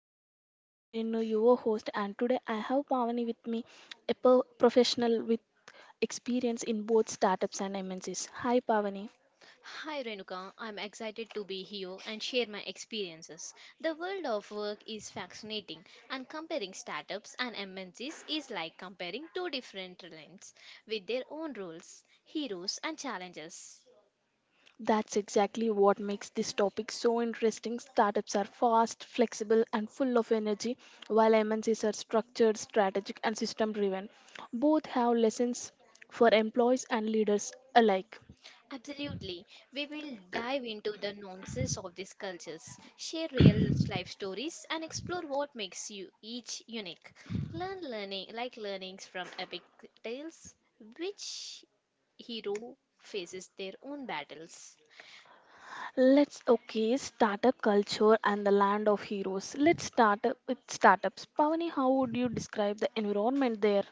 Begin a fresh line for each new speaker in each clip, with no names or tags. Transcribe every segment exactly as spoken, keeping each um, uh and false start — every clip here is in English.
Cultures. I am Renu, your host, and today I have Pavani with me, a pro- professional with experience in both startups and M N Cs. Hi, Pavani.
Hi Renuka, I'm excited to be here and share my experiences. The world of work is fascinating, and comparing startups and M N Cs is like comparing two different lines with their own rules, heroes, and challenges.
That's exactly what makes this topic so interesting. Startups are fast, flexible, and full of energy, while M N Cs are structured, strategic, and system driven. Both have lessons for employees and leaders alike.
Absolutely. We will dive into the nuances of these cultures, share real life stories, and explore what makes you each unique. Learn learning like learnings from epic tales, which hero faces their own battles.
Let's okay, startup culture and the land of heroes. Let's start up with startups. Pavani, how would you describe the environment there?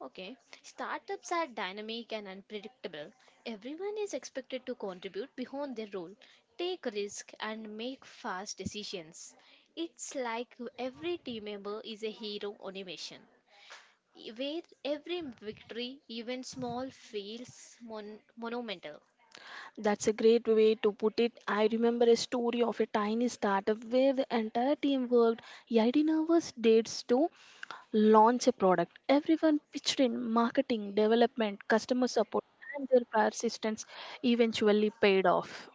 Okay, startups are dynamic and unpredictable. Everyone is expected to contribute beyond their role, take risk, and make fast decisions. It's like every team member is a hero on a mission. e, where every victory, even small, feels mon- monumental.
That's a great way to put it. I remember a story of a tiny startup where the entire team worked eighteen hours dates to launch a product. Everyone pitched in marketing, development, customer support, and their persistence eventually paid off.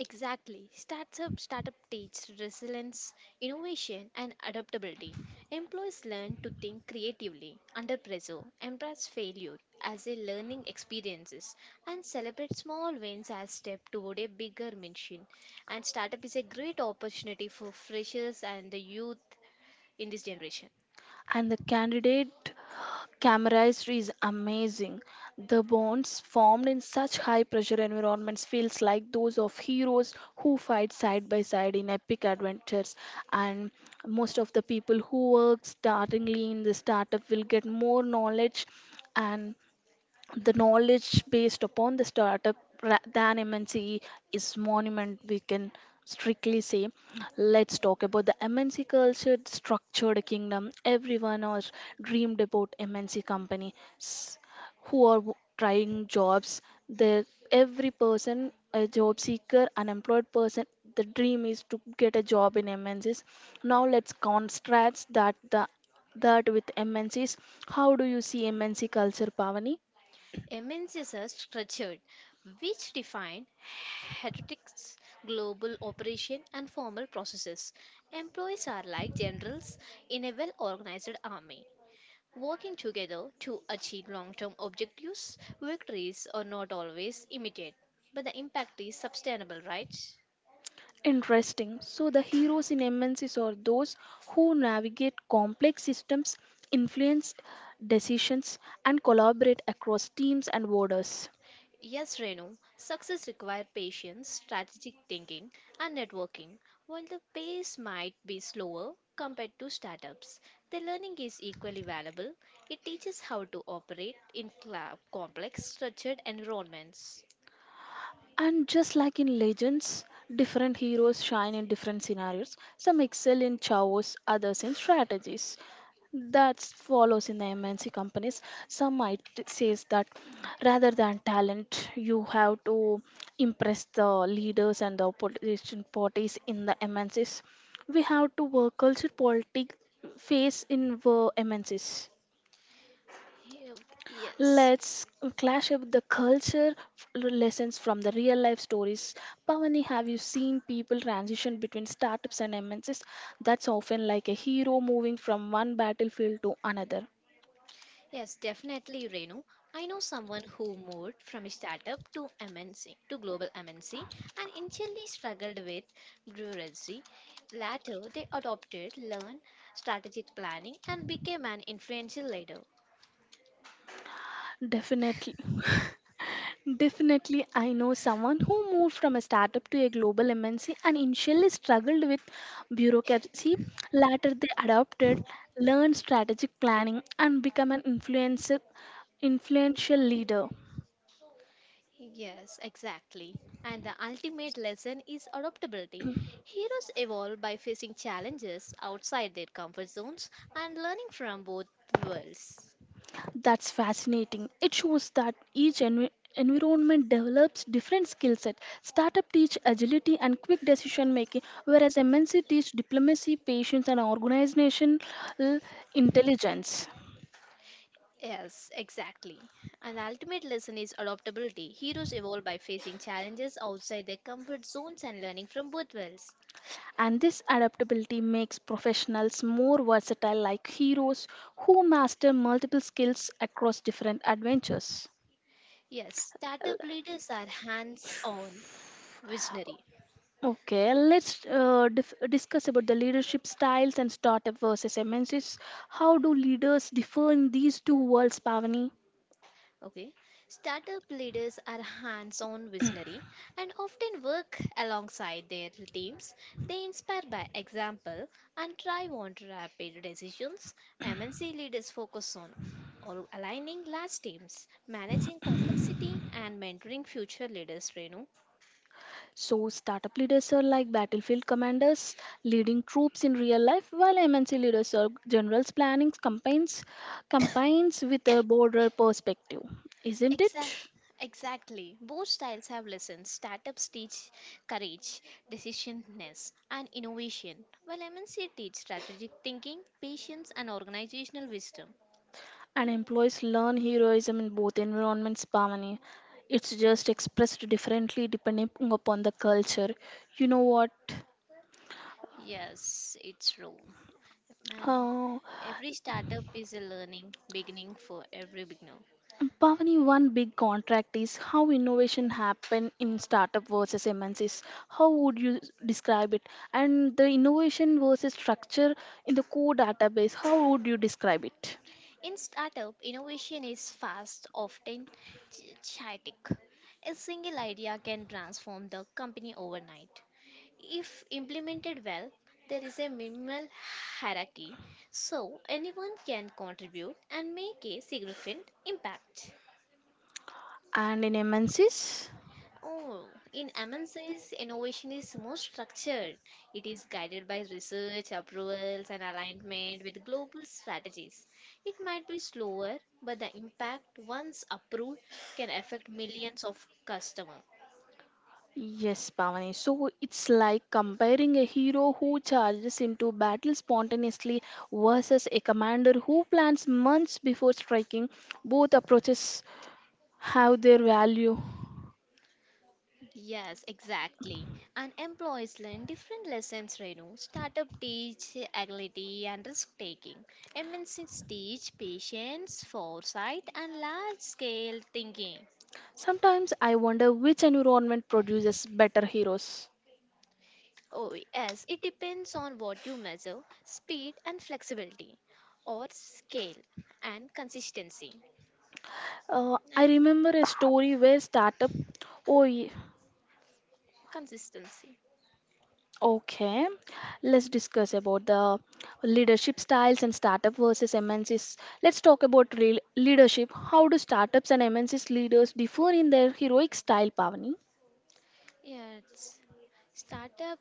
Exactly. Startup startup teach resilience, innovation, and adaptability. Employees learn to think creatively under pressure, embrace failure as a learning experiences, and celebrate small wins as step toward a bigger mission. And startup is a great opportunity for freshers and the youth in this generation.
And the candidate camaraderie is amazing. The bonds formed in such high pressure environments feels like those of heroes who fight side by side in epic adventures, and most of the people who work startingly in the startup will get more knowledge, and the knowledge based upon the startup ra- than M N C is monument we can strictly say. Let's talk about the MNC culture, structured kingdom. Everyone has dreamed about MNC company s- who are w- trying jobs, the every person, a job seeker, unemployed person, the dream is to get a job in MNCs. Now let's contrast that the that with MNCs. How do you see MNC culture, Pavani?
M N Cs are structured, which define heuristics, global operation, and formal processes. Employees are like generals in a well organized army, working together to achieve long term objectives. Victories are not always immediate, but the impact is sustainable, right?
Interesting. So, the heroes in M N Cs are those who navigate complex systems, influence decisions, and collaborate across teams and borders.
Yes, Renu, success requires patience, strategic thinking, and networking. While the pace might be slower compared to startups, the learning is equally valuable. It teaches how to operate in cla- complex, structured environments.
And just like in legends, different heroes shine in different scenarios. Some excel in chaos, others in strategies. That follows in the M N C companies. Some might says that rather than talent, you have to impress the leaders and the opposition parties in the M N Cs. We have to work culture politics face in the M N Cs.
Yeah. Yes.
Let's clash up the culture f- lessons from the real life stories. Pavani, have you seen people transition between startups and M N Cs? That's often like a hero moving from one battlefield to another.
Yes, definitely, Renu. I know someone who moved from a startup to M N C to global M N C and initially struggled with bureaucracy. Later, they adopted, learned strategic planning, and became an influential leader.
Definitely. Definitely, I know someone who moved from a startup to a global M N C and initially struggled with bureaucracy. Later, they adopted, learned strategic planning, and become an influencer, influential leader.
Yes, exactly. And the ultimate lesson is adaptability. Heroes evolve by facing challenges outside their comfort zones and learning from both worlds.
That's fascinating. It shows that each envi- environment develops different skill set. Startup teach agility and quick decision making, whereas M N C teach diplomacy, patience, and organizational intelligence.
Yes, exactly. And the ultimate lesson is adaptability. Heroes evolve by facing challenges outside their comfort zones and learning from both worlds.
And this adaptability makes professionals more versatile, like heroes who master multiple skills across different adventures.
Yes, startup leaders are hands on, visionary.
Okay, let's uh, dif- discuss about the leadership styles and startup versus M N Cs. How do leaders differ in these two worlds, Pavani?
Okay, startup leaders are hands on visionary and often work alongside their teams. They inspire by example and drive on rapid decisions. M N C leaders focus on al- aligning large teams, managing complexity, and mentoring future leaders, Renu.
So, startup leaders are like battlefield commanders leading troops in real life, while M N C leaders are generals planning campaigns, campaigns with a broader perspective, isn't
Exact,
it?
exactly. Both styles have lessons. Startups teach courage, decisiveness, and innovation, while M N C teach strategic thinking, patience, and organizational wisdom.
And employees learn heroism in both environments, Pavani. It's just expressed differently depending upon the culture. You know what?
Yes, it's true. And
Uh,
every startup is a learning beginning for every beginner.
Pavani, one big contract is how innovation happen in startup versus M N Cs. How would you s- describe it? And the innovation versus structure in the core database, how would you describe it?
In startup, innovation is fast, often ch- chaotic. A single idea can transform the company overnight. If implemented well, there is a minimal hierarchy so anyone can contribute and make a significant impact.
And in M N Cs?
Oh, in M N C's innovation is more structured. It is guided by research, approvals, and alignment with global strategies. It might be slower, but the impact once approved can affect millions of customers.
Yes, Pavani. So it's like comparing a hero who charges into battle spontaneously versus a commander who plans months before striking. Both approaches have their value.
Yes, exactly. And employees learn different lessons, Renu. Startup teach agility and risk taking. M N Cs teach patience, foresight, and large scale thinking.
Sometimes I wonder which environment produces better heroes.
Oh, yes, it depends on what you measure speed and flexibility, or scale and consistency.
Uh, I
And
remember a story where startup. Oh, ye-
consistency.
okay. Let's discuss about the leadership styles and startup versus M N Cs. Let's talk about real leadership. How do startups and M N Cs leaders differ in their heroic style, Pavani?
Yes, startup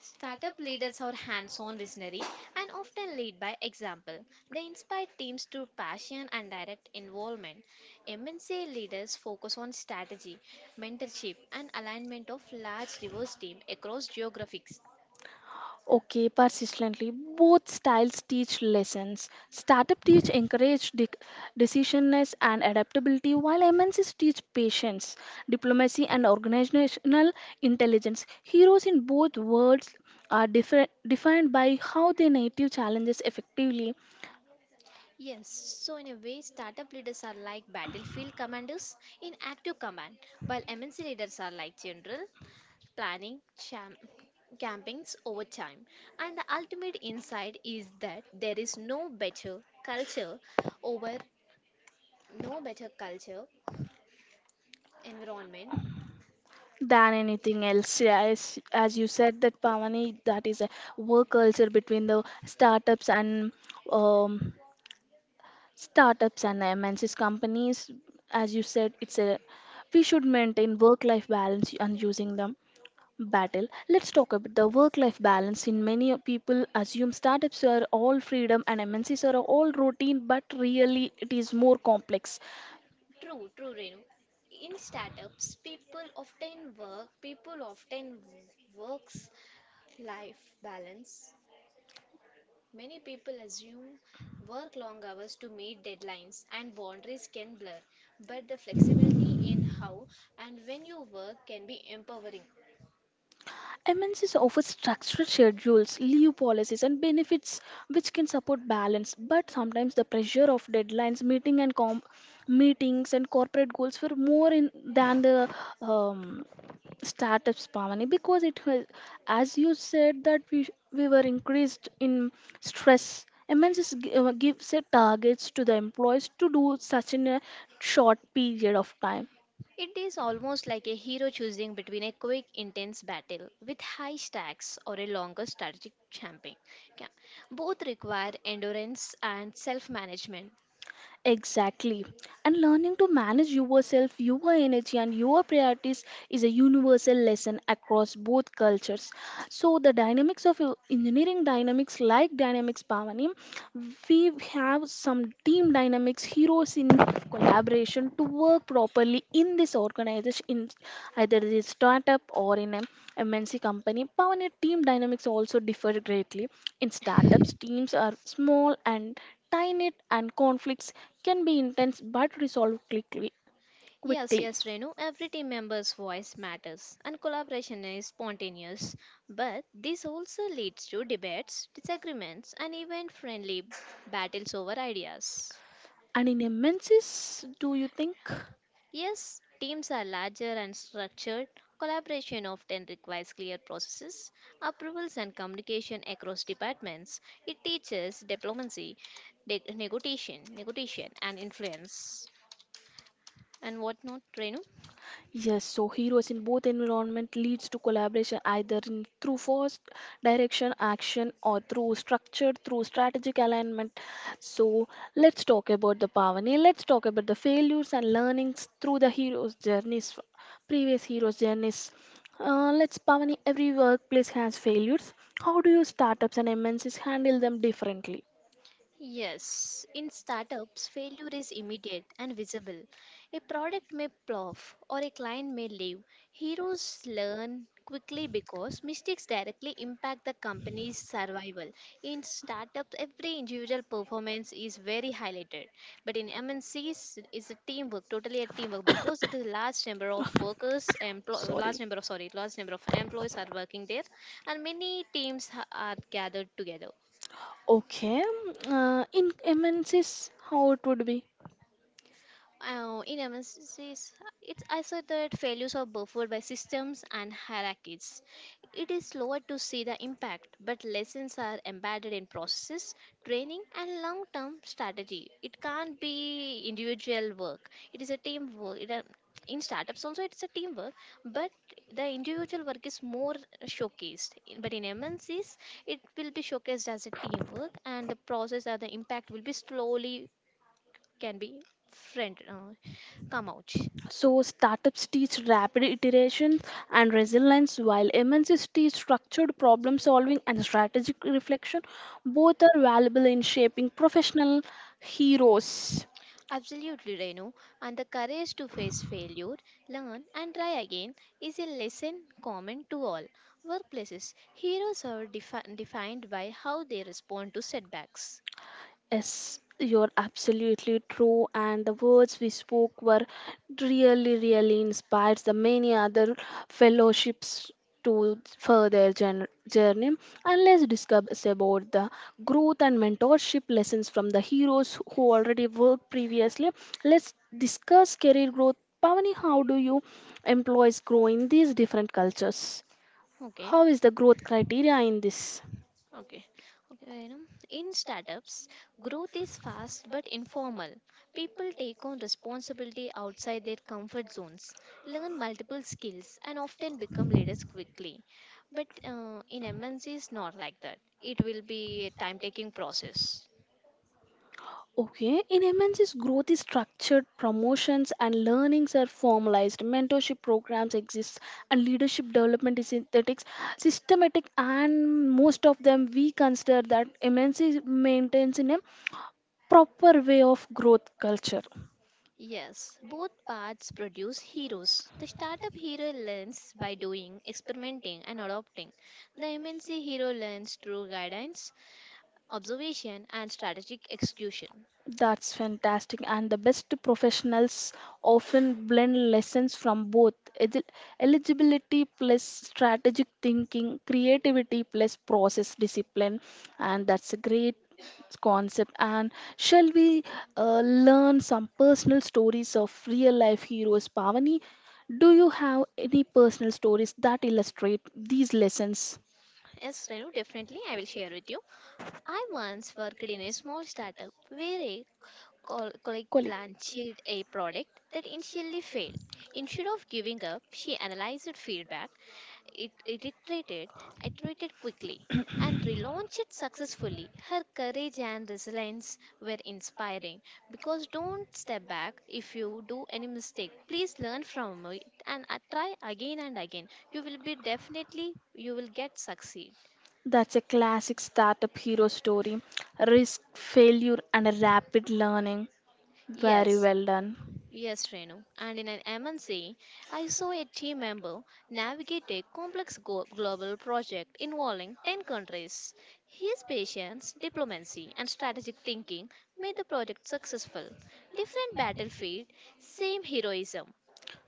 Startup leaders are hands on visionary and often lead by example. They inspire teams through passion and direct involvement. M N C leaders focus on strategy, mentorship, and alignment of large diverse team across geographies.
Okay, persistently, both styles teach lessons. Startup teach encourage de- decisionness and adaptability, while M N Cs teach patience, diplomacy, and organizational intelligence. Heroes in both worlds are different, defined by how they native challenges effectively
Yes, so in a way, startup leaders are like battlefield commanders in active command, while M N C leaders are like general planning cham- campaigns over time. And the ultimate insight is that there is no better culture over no better culture environment.
than anything else. Yeah, As, as you said, that Pavani, that is a work culture between the startups and um, startups and M N Cs companies, as you said, it's a we should maintain work-life balance and using the battle. Let's talk about the work-life balance. In many people assume startups are all freedom and M N Cs are all routine, but really it is more complex.
True, true, Renu. In startups, people often work, people often works life balance. Many people assume work long hours to meet deadlines and boundaries can blur, but the flexibility in how and when you work can be empowering.
M N Cs offer structured schedules, leave policies, and benefits which can support balance. But sometimes the pressure of deadlines, meeting and com- meetings, and corporate goals were more in than the um, startups, Pamani, because it was, as you said, that we we were increased in stress. M N Cs gi- uh, gives a targets to the employees to do such in a short period of time.
It is almost like a hero choosing between a quick, intense battle with high stacks or a longer strategic campaign. Yeah. Both require endurance and self management.
Exactly. And learning to manage yourself, your energy, and your priorities is a universal lesson across both cultures. So, the dynamics of uh, engineering dynamics, like dynamics, Pavani, we have some team dynamics, heroes in collaboration to work properly in this organization, in either the startup or in an M N C company. Pavani, team dynamics also differ greatly. In startups, teams are small and tiny and conflicts can be intense but resolved quickly.
Yes,
quickly.
yes, Renu, every team member's voice matters and collaboration is spontaneous, but this also leads to debates, disagreements, and even friendly battles over ideas.
And in a menses, do you think?
Yes, teams are larger and structured. Collaboration often requires clear processes, approvals, and communication across departments. It teaches diplomacy, de- negotiation, negotiation, and influence. And what not, Renu?
Yes, so heroes in both environment leads to collaboration either in, through forced direction, action, or through structured, through strategic alignment. So let's talk about the Pavani. Let's talk about the failures and learnings through the hero's journeys, previous hero's journeys. Uh, let's, Pavani. Every workplace has failures. How do you startups and M N Cs handle them differently?
Yes, in startups, failure is immediate and visible. A product may plof or a client may leave. Heroes learn quickly because mistakes directly impact the company's survival. In startups, every individual performance is very highlighted. But in M N Cs, it's a teamwork, totally a teamwork because it is a large number of workers, emplo-
Sorry.
large number of, sorry, large number of employees are working there and many teams ha- are gathered together.
Okay. Uh, in M N Cs, how it would be?
Uh, in M N Cs, it's asserted that failures are buffered by systems and hierarchies. It is slower to see the impact, but lessons are embedded in processes, training, and long term strategy. It can't be individual work, it is a teamwork. It, a- in startups, also, it's a teamwork, but the individual work is more showcased. But in M N Cs, it will be showcased as a teamwork, and the process or the impact will be slowly can be friend uh, come out.
So startups teach rapid iteration and resilience, while M N Cs teach structured problem solving and strategic reflection. Both are valuable in shaping professional heroes.
Absolutely, Renu. And the courage to face failure, learn and try again is a lesson common to all workplaces. Heroes are defi- defined by how they respond to setbacks.
Yes, you're absolutely true, and the words we spoke were really, really inspired the many other fellowships to further gen- journey. And let's discuss about the growth and mentorship lessons from the heroes who already worked previously. Let's discuss career growth. Pavani, how do you employees grow in these different cultures?
Okay.
How is the growth criteria in this?
Okay. Okay. Vainam. In startups, growth is fast but informal. People take on responsibility outside their comfort zones, learn multiple skills, and often become leaders quickly. But uh, in M N Cs, not like that. It will be a time-taking process.
Okay, in M N C's growth is structured, promotions and learnings are formalized, mentorship programs exist, and leadership development is synthetic, systematic, and most of them we consider that M N C maintains in a proper way of growth culture.
Yes, both paths produce heroes. The startup hero learns by doing, experimenting, and adopting. The M N C hero learns through guidance, observation and strategic execution.
That's fantastic. And the best professionals often blend lessons from both Egi- eligibility plus strategic thinking, creativity plus process discipline. And that's a great concept. And shall we uh, learn some personal stories of real life heroes, Pavani? Do you have any personal stories that illustrate these lessons?
Yes, Renu, definitely I will share with you. I once worked in a small startup where a col- colleague launched
Colleague.
a product that initially failed. Instead of giving up, she analyzed feedback, it, it iterated, iterated quickly, and relaunched it successfully. Her courage and resilience were inspiring because don't step back if you do any mistake. Please learn from it and uh, try again and again. You will be definitely, you will get succeed.
That's a classic startup hero story. Risk, failure, and rapid learning. Very
Yes,
well done.
yes, Renu. And in an M N C, I saw a team member navigate a complex go- global project involving ten countries. His patience, diplomacy, and strategic thinking made the project successful. Different battlefield, same heroism.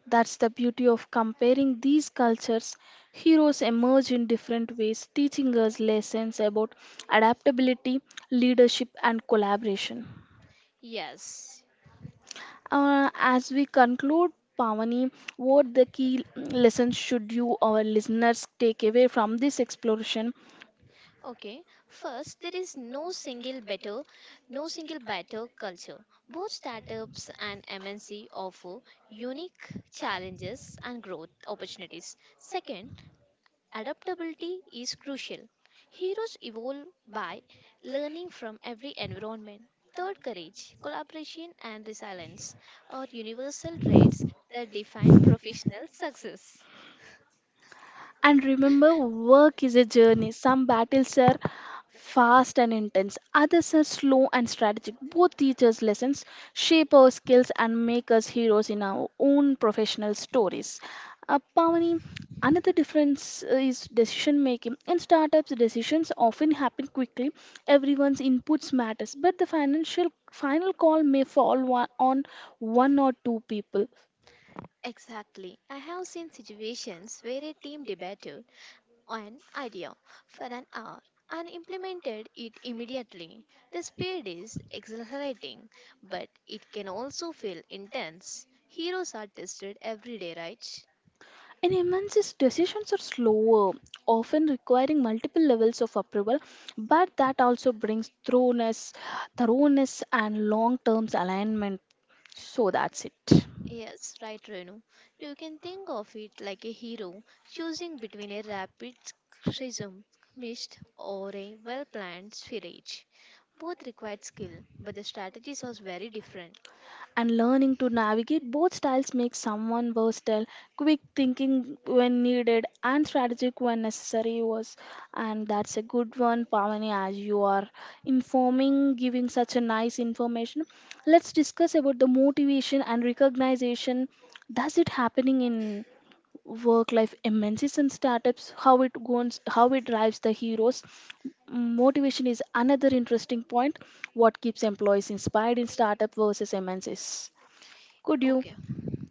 That's the beauty of comparing these cultures. Heroes emerge in different ways, teaching us lessons about adaptability, leadership, and collaboration.
Yes.
Uh, as we conclude, Pavani, what the key lessons should you, our listeners, take away from this exploration?
Okay, first, there is no single better, no single better culture. Both startups and M N C offer unique challenges and growth opportunities. Second, adaptability is crucial. Heroes evolve by learning from every environment. Third, courage, collaboration, and resilience are universal traits that define professional success.
And remember, work is a journey. Some battles are fast and intense, others are slow and strategic. Both teach us lessons, shape our skills, and make us heroes in our own professional stories. Uh, Pavani, another difference uh, is decision making. In startups, decisions often happen quickly. Everyone's inputs matters, but the financial final call may fall wa- on one or two people.
Exactly. I have seen situations where a team debated an idea for an hour and implemented it immediately. The speed is exhilarating, but it can also feel intense. Heroes are tested every day, right?
In M N C's decisions are slower, often requiring multiple levels of approval, but that also brings thoroughness, thoroughness and long-term alignment. So that's it.
Yes, right, Renu. You can think of it like a hero choosing between a rapid prism mist or a well planned sphere. Both required skill, but the strategies are very different.
And learning to navigate both styles makes someone versatile, quick thinking when needed and strategic when necessary was. And that's a good one, Pavani. As you are informing, giving such a nice information, let's discuss about the motivation and recognition. Does it happening in work life immenses in startups? How it goes? How it drives the heroes? Motivation is another interesting point. What keeps employees inspired in startup versus MNCs? Could you?
Okay,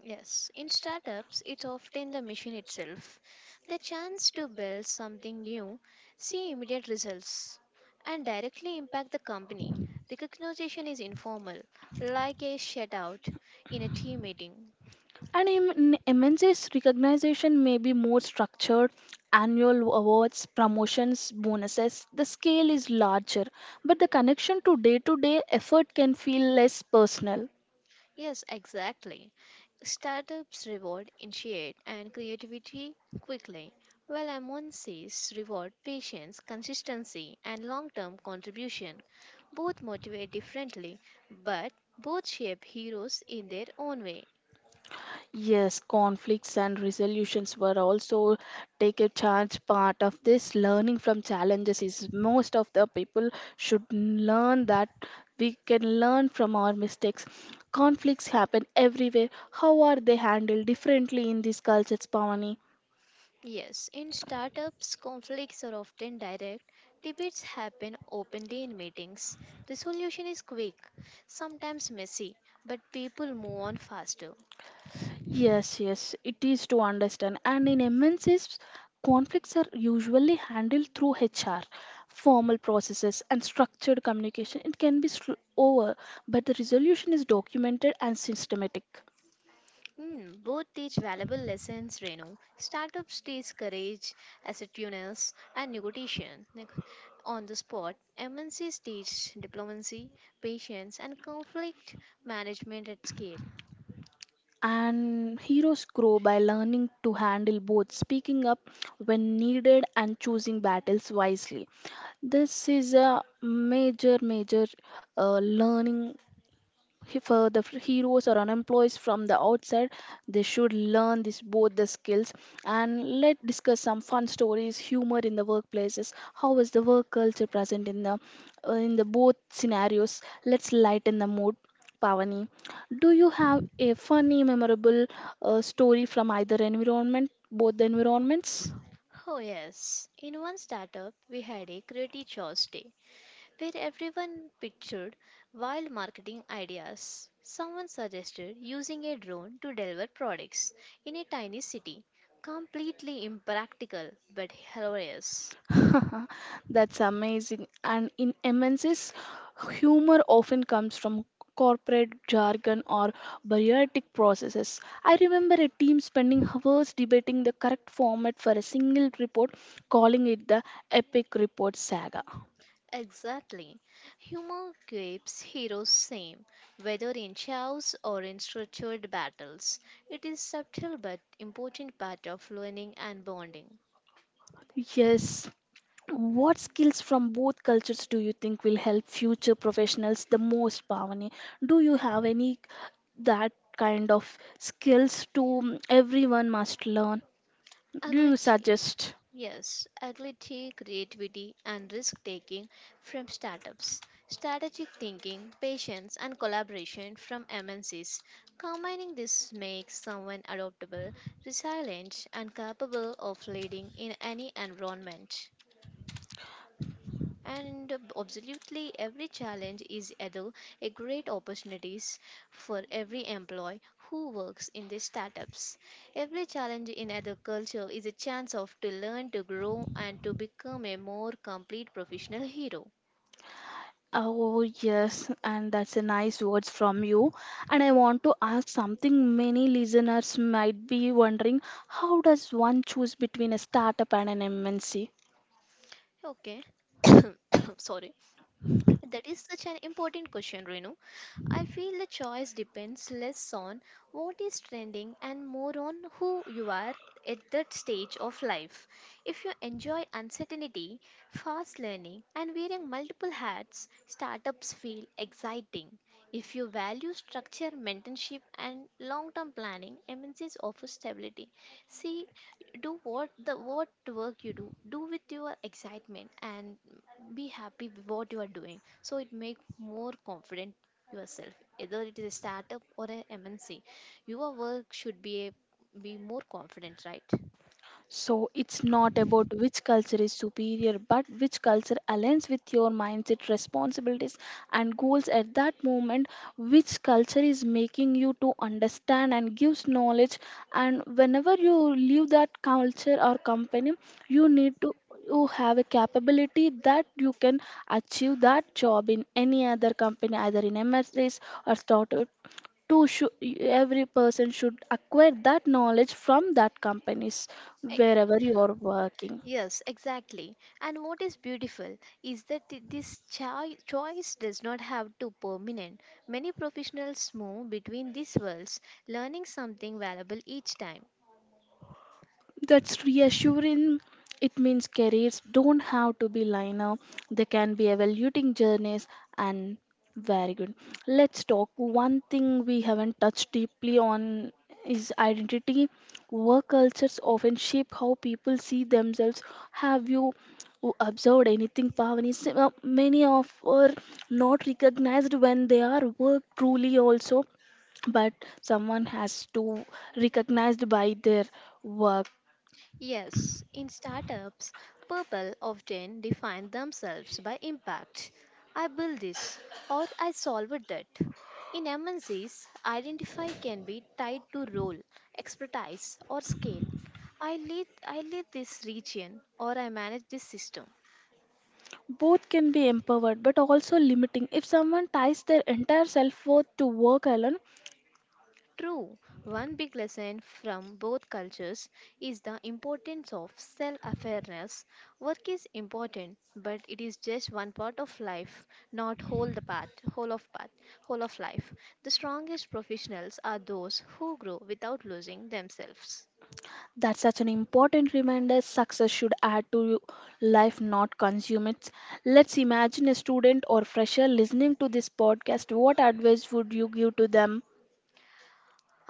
yes. In startups, it's often the machine itself. The chance to build something new, see immediate results, and directly impact the company. Recognition is informal, like a shout out in a team meeting.
And in in MNCs recognition may be more structured, annual awards, promotions, bonuses. The scale is larger, but the connection to day to day effort can feel less personal.
Yes, exactly. Startups reward initiate and creativity quickly, while M N Cs reward patience, consistency, and long term contribution. Both motivate differently, but both shape heroes in their own way.
Yes, conflicts and resolutions were also take a charge part of this. Learning from challenges is most of the people should learn that we can learn from our mistakes. Conflicts happen everywhere. How are they handled differently in these cultures, Pawani?
Yes, in startups, conflicts are often direct. Debates happen openly in meetings. Resolution is quick, sometimes messy, but people move on faster.
Yes, yes, it is to understand. And in M N Cs, conflicts are usually handled through H R, formal processes, and structured communication. It can be sl- over, but the resolution is documented and systematic.
Hmm. Both teach valuable lessons, Renu. Startups teach courage, assertiveness, and negotiation neg- on the spot. M N Cs teach diplomacy, patience, and conflict management at scale.
And heroes grow by learning to handle both, speaking up when needed, and choosing battles wisely. This is a major, major uh, learning. If uh, the f- heroes or unemployed from the outside, they should learn this both the skills. And let's discuss some fun stories, humor in the workplaces. How is the work culture present in the uh, in the both scenarios? Let's lighten the mood, Pavani. Do you have a funny memorable uh, story from either environment, both the environments?
Oh, yes. In one startup, we had a creative choice day where everyone pictured wild marketing ideas. Someone suggested using a drone to deliver products in a tiny city. Completely impractical but hilarious.
That's amazing. And in M N Cs, humor often comes from corporate jargon or bureaucratic processes. I remember a team spending hours debating the correct format for a single report, calling it the Epic Report Saga.
Exactly. Humor keeps heroes same, whether in chaos or in structured battles. It is subtle but important part of learning and bonding.
Yes. What skills from both cultures do you think will help future professionals the most, Pavani? Do you have any that kind of skills to everyone must learn? Do you
Agility.
suggest?
Yes, agility, creativity, and risk taking from startups, strategic thinking, patience, and collaboration from M N Cs. Combining this makes someone adaptable, resilient, and capable of leading in any environment. And absolutely every challenge is either a great opportunities for every employee who works in the startups. Every challenge in other culture is a chance of to learn, to grow, and to become a more complete professional hero.
Oh, yes, and that's a nice words from you. And I want to ask something many listeners might be wondering, how does one choose between a startup and an M N C?
Okay. Sorry. That is such an important question, Renu. I feel the choice depends less on what is trending and more on who you are at that stage of life. If you enjoy uncertainty, fast learning, and wearing multiple hats, startups feel exciting. If you value structure, mentorship, and long term planning, M N Cs offer stability. See, do what the what work you do do with your excitement and be happy with what you are doing so it make more confident yourself, either it is a startup or a mnc. Your work should be a, be more confident, right?
So it's not about which culture is superior, but which culture aligns with your mindset, responsibilities, and goals at that moment. Which culture is making you to understand and gives knowledge. And whenever you leave that culture or company, you need to you have a capability that you can achieve that job in any other company, either in M S S or startup to shou- every person should acquire that knowledge from that companies
E-
wherever you are working.
yes, exactly. And what is beautiful is that thi- this choi- choice does not have to permanent. Many professionals move between these worlds, learning something valuable each time.
That's reassuring. It means careers don't have to be linear, they can be evaluating journeys and very good. Let's talk. One thing we haven't touched deeply on is identity. Work cultures often shape how people see themselves. Have you observed anything, Pavani? S- uh, Many of are not recognized when they are work truly also, but someone has to recognized by their work.
Yes, in startups, people often define themselves by impact. I build this or I solve that. In M N Cs, identify can be tied to role, expertise, or scale. I lead I lead this region or I manage this system.
Both can be empowered but also limiting. If someone ties their entire self worth to work alone,
True, one big lesson from both cultures is the importance of self awareness. Work is important, but it is just one part of life, not whole the path, whole of path, whole of life. The strongest professionals are those who grow without losing themselves.
that's such an important reminder. Success should add to life, not consume it. Let's imagine a student or fresher listening to this podcast. What advice would you give to them?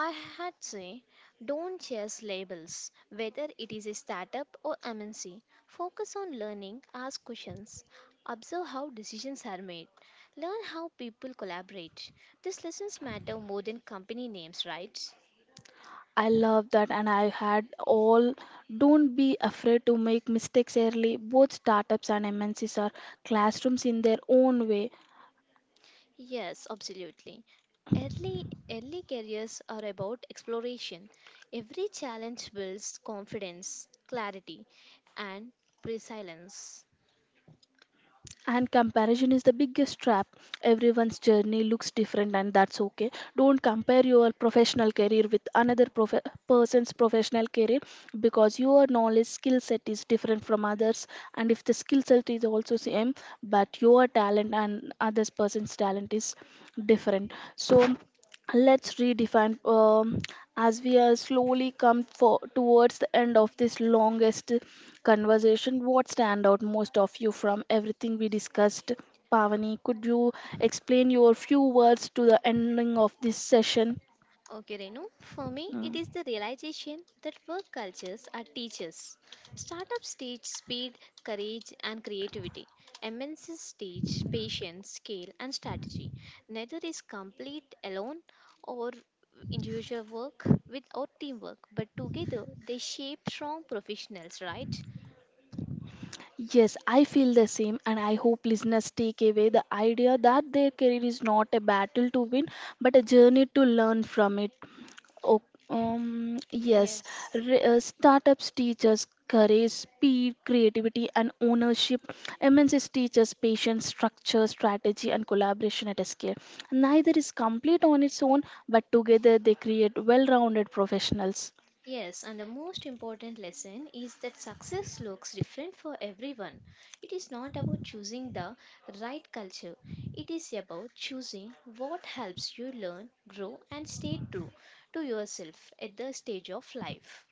I had say don't chase labels, whether it is a startup or M N C. Focus on learning, ask questions, observe how decisions are made. Learn how people collaborate. These lessons matter more than company names, right?
I love that, and I had all. Don't be afraid to make mistakes early. Both startups and M N Cs are classrooms in their own way.
Yes, absolutely. Early, early careers are about exploration. Every challenge builds confidence, clarity, and resilience.
And comparison is the biggest trap. Everyone's journey looks different, and that's okay. Don't compare your professional career with another prof- person's professional career because your knowledge skill set is different from others. And if the skill set is also same, but your talent and others person's talent is different, so let's redefine. Um, as we are slowly come for, towards the end of this longest conversation, what stand out most of you from everything we discussed, Pavani? Could you explain your few words to the ending of this session?
Okay, Renu. For me, it is the realization that work cultures are teachers. Startups teach speed, courage, and creativity. M N Cs teach patience, scale, and strategy. Neither is complete
Mm.
alone or individual work without teamwork, but together they shape strong professionals, right?
Yes, I feel the same, and I hope listeners take away the idea that their career is not a battle to win, but a journey to learn from it. Oh, um, yes, re- uh, startups teach us courage, speed, creativity, and ownership. M N Cs teach us patience, structure, strategy, and collaboration at a scale. Neither is complete on its own, but together they create well rounded professionals.
Yes, and the most important lesson is that success looks different for everyone. It is not about choosing the right culture, it is about choosing what helps you learn, grow, and stay true to yourself at the stage of life.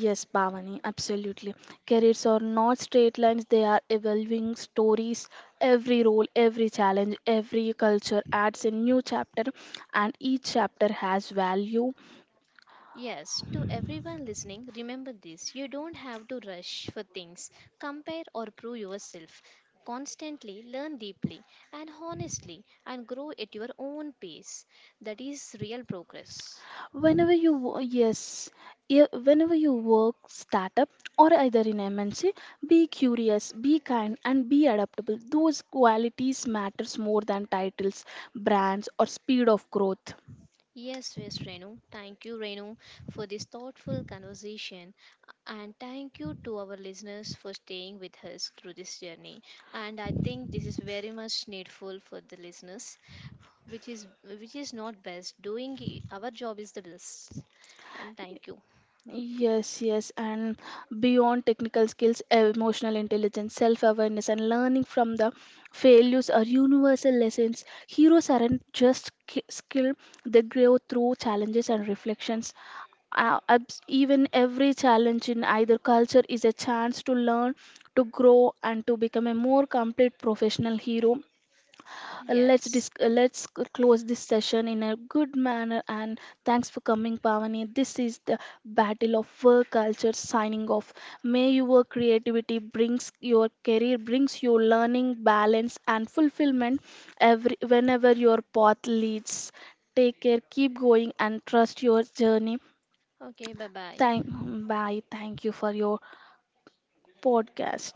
Yes, Bhavani, absolutely. Careers are not straight lines, they are evolving stories. Every role, every challenge, every culture adds a new chapter, and each chapter has value.
Yes, to everyone listening, remember this you don't have to rush for things, compare or prove yourself. Constantly learn deeply and honestly and grow at your own pace. That is real progress.
Whenever you, wo- yes, yeah, whenever you work startup or either in M N C, be curious, be kind, and be adaptable. Those qualities matters more than titles, brands, or speed of growth.
Yes, yes, Renu. Thank you, Renu, for this thoughtful conversation. And thank you to our listeners for staying with us through this journey. And I think this is very much needful for the listeners, which is which is not best. Doing i- our job is the best. And thank you.
Yes, yes, and beyond technical skills, emotional intelligence, self awareness, and learning from the failures are universal lessons. Heroes aren't just ki- skilled, they grow through challenges and reflections. Uh, abs- even every challenge in either culture is a chance to learn, to grow, and to become a more complete professional hero. let's
Yes.
dis- let's c- close this session in a good manner, and thanks for coming, Pavani. This is the Battle of Work Culture signing off. May your creativity brings your career, brings your learning balance and fulfillment every whenever your path leads. Take care, keep going, and trust your journey.
Okay, bye
Thank,
bye.
bye, thank you for your podcast.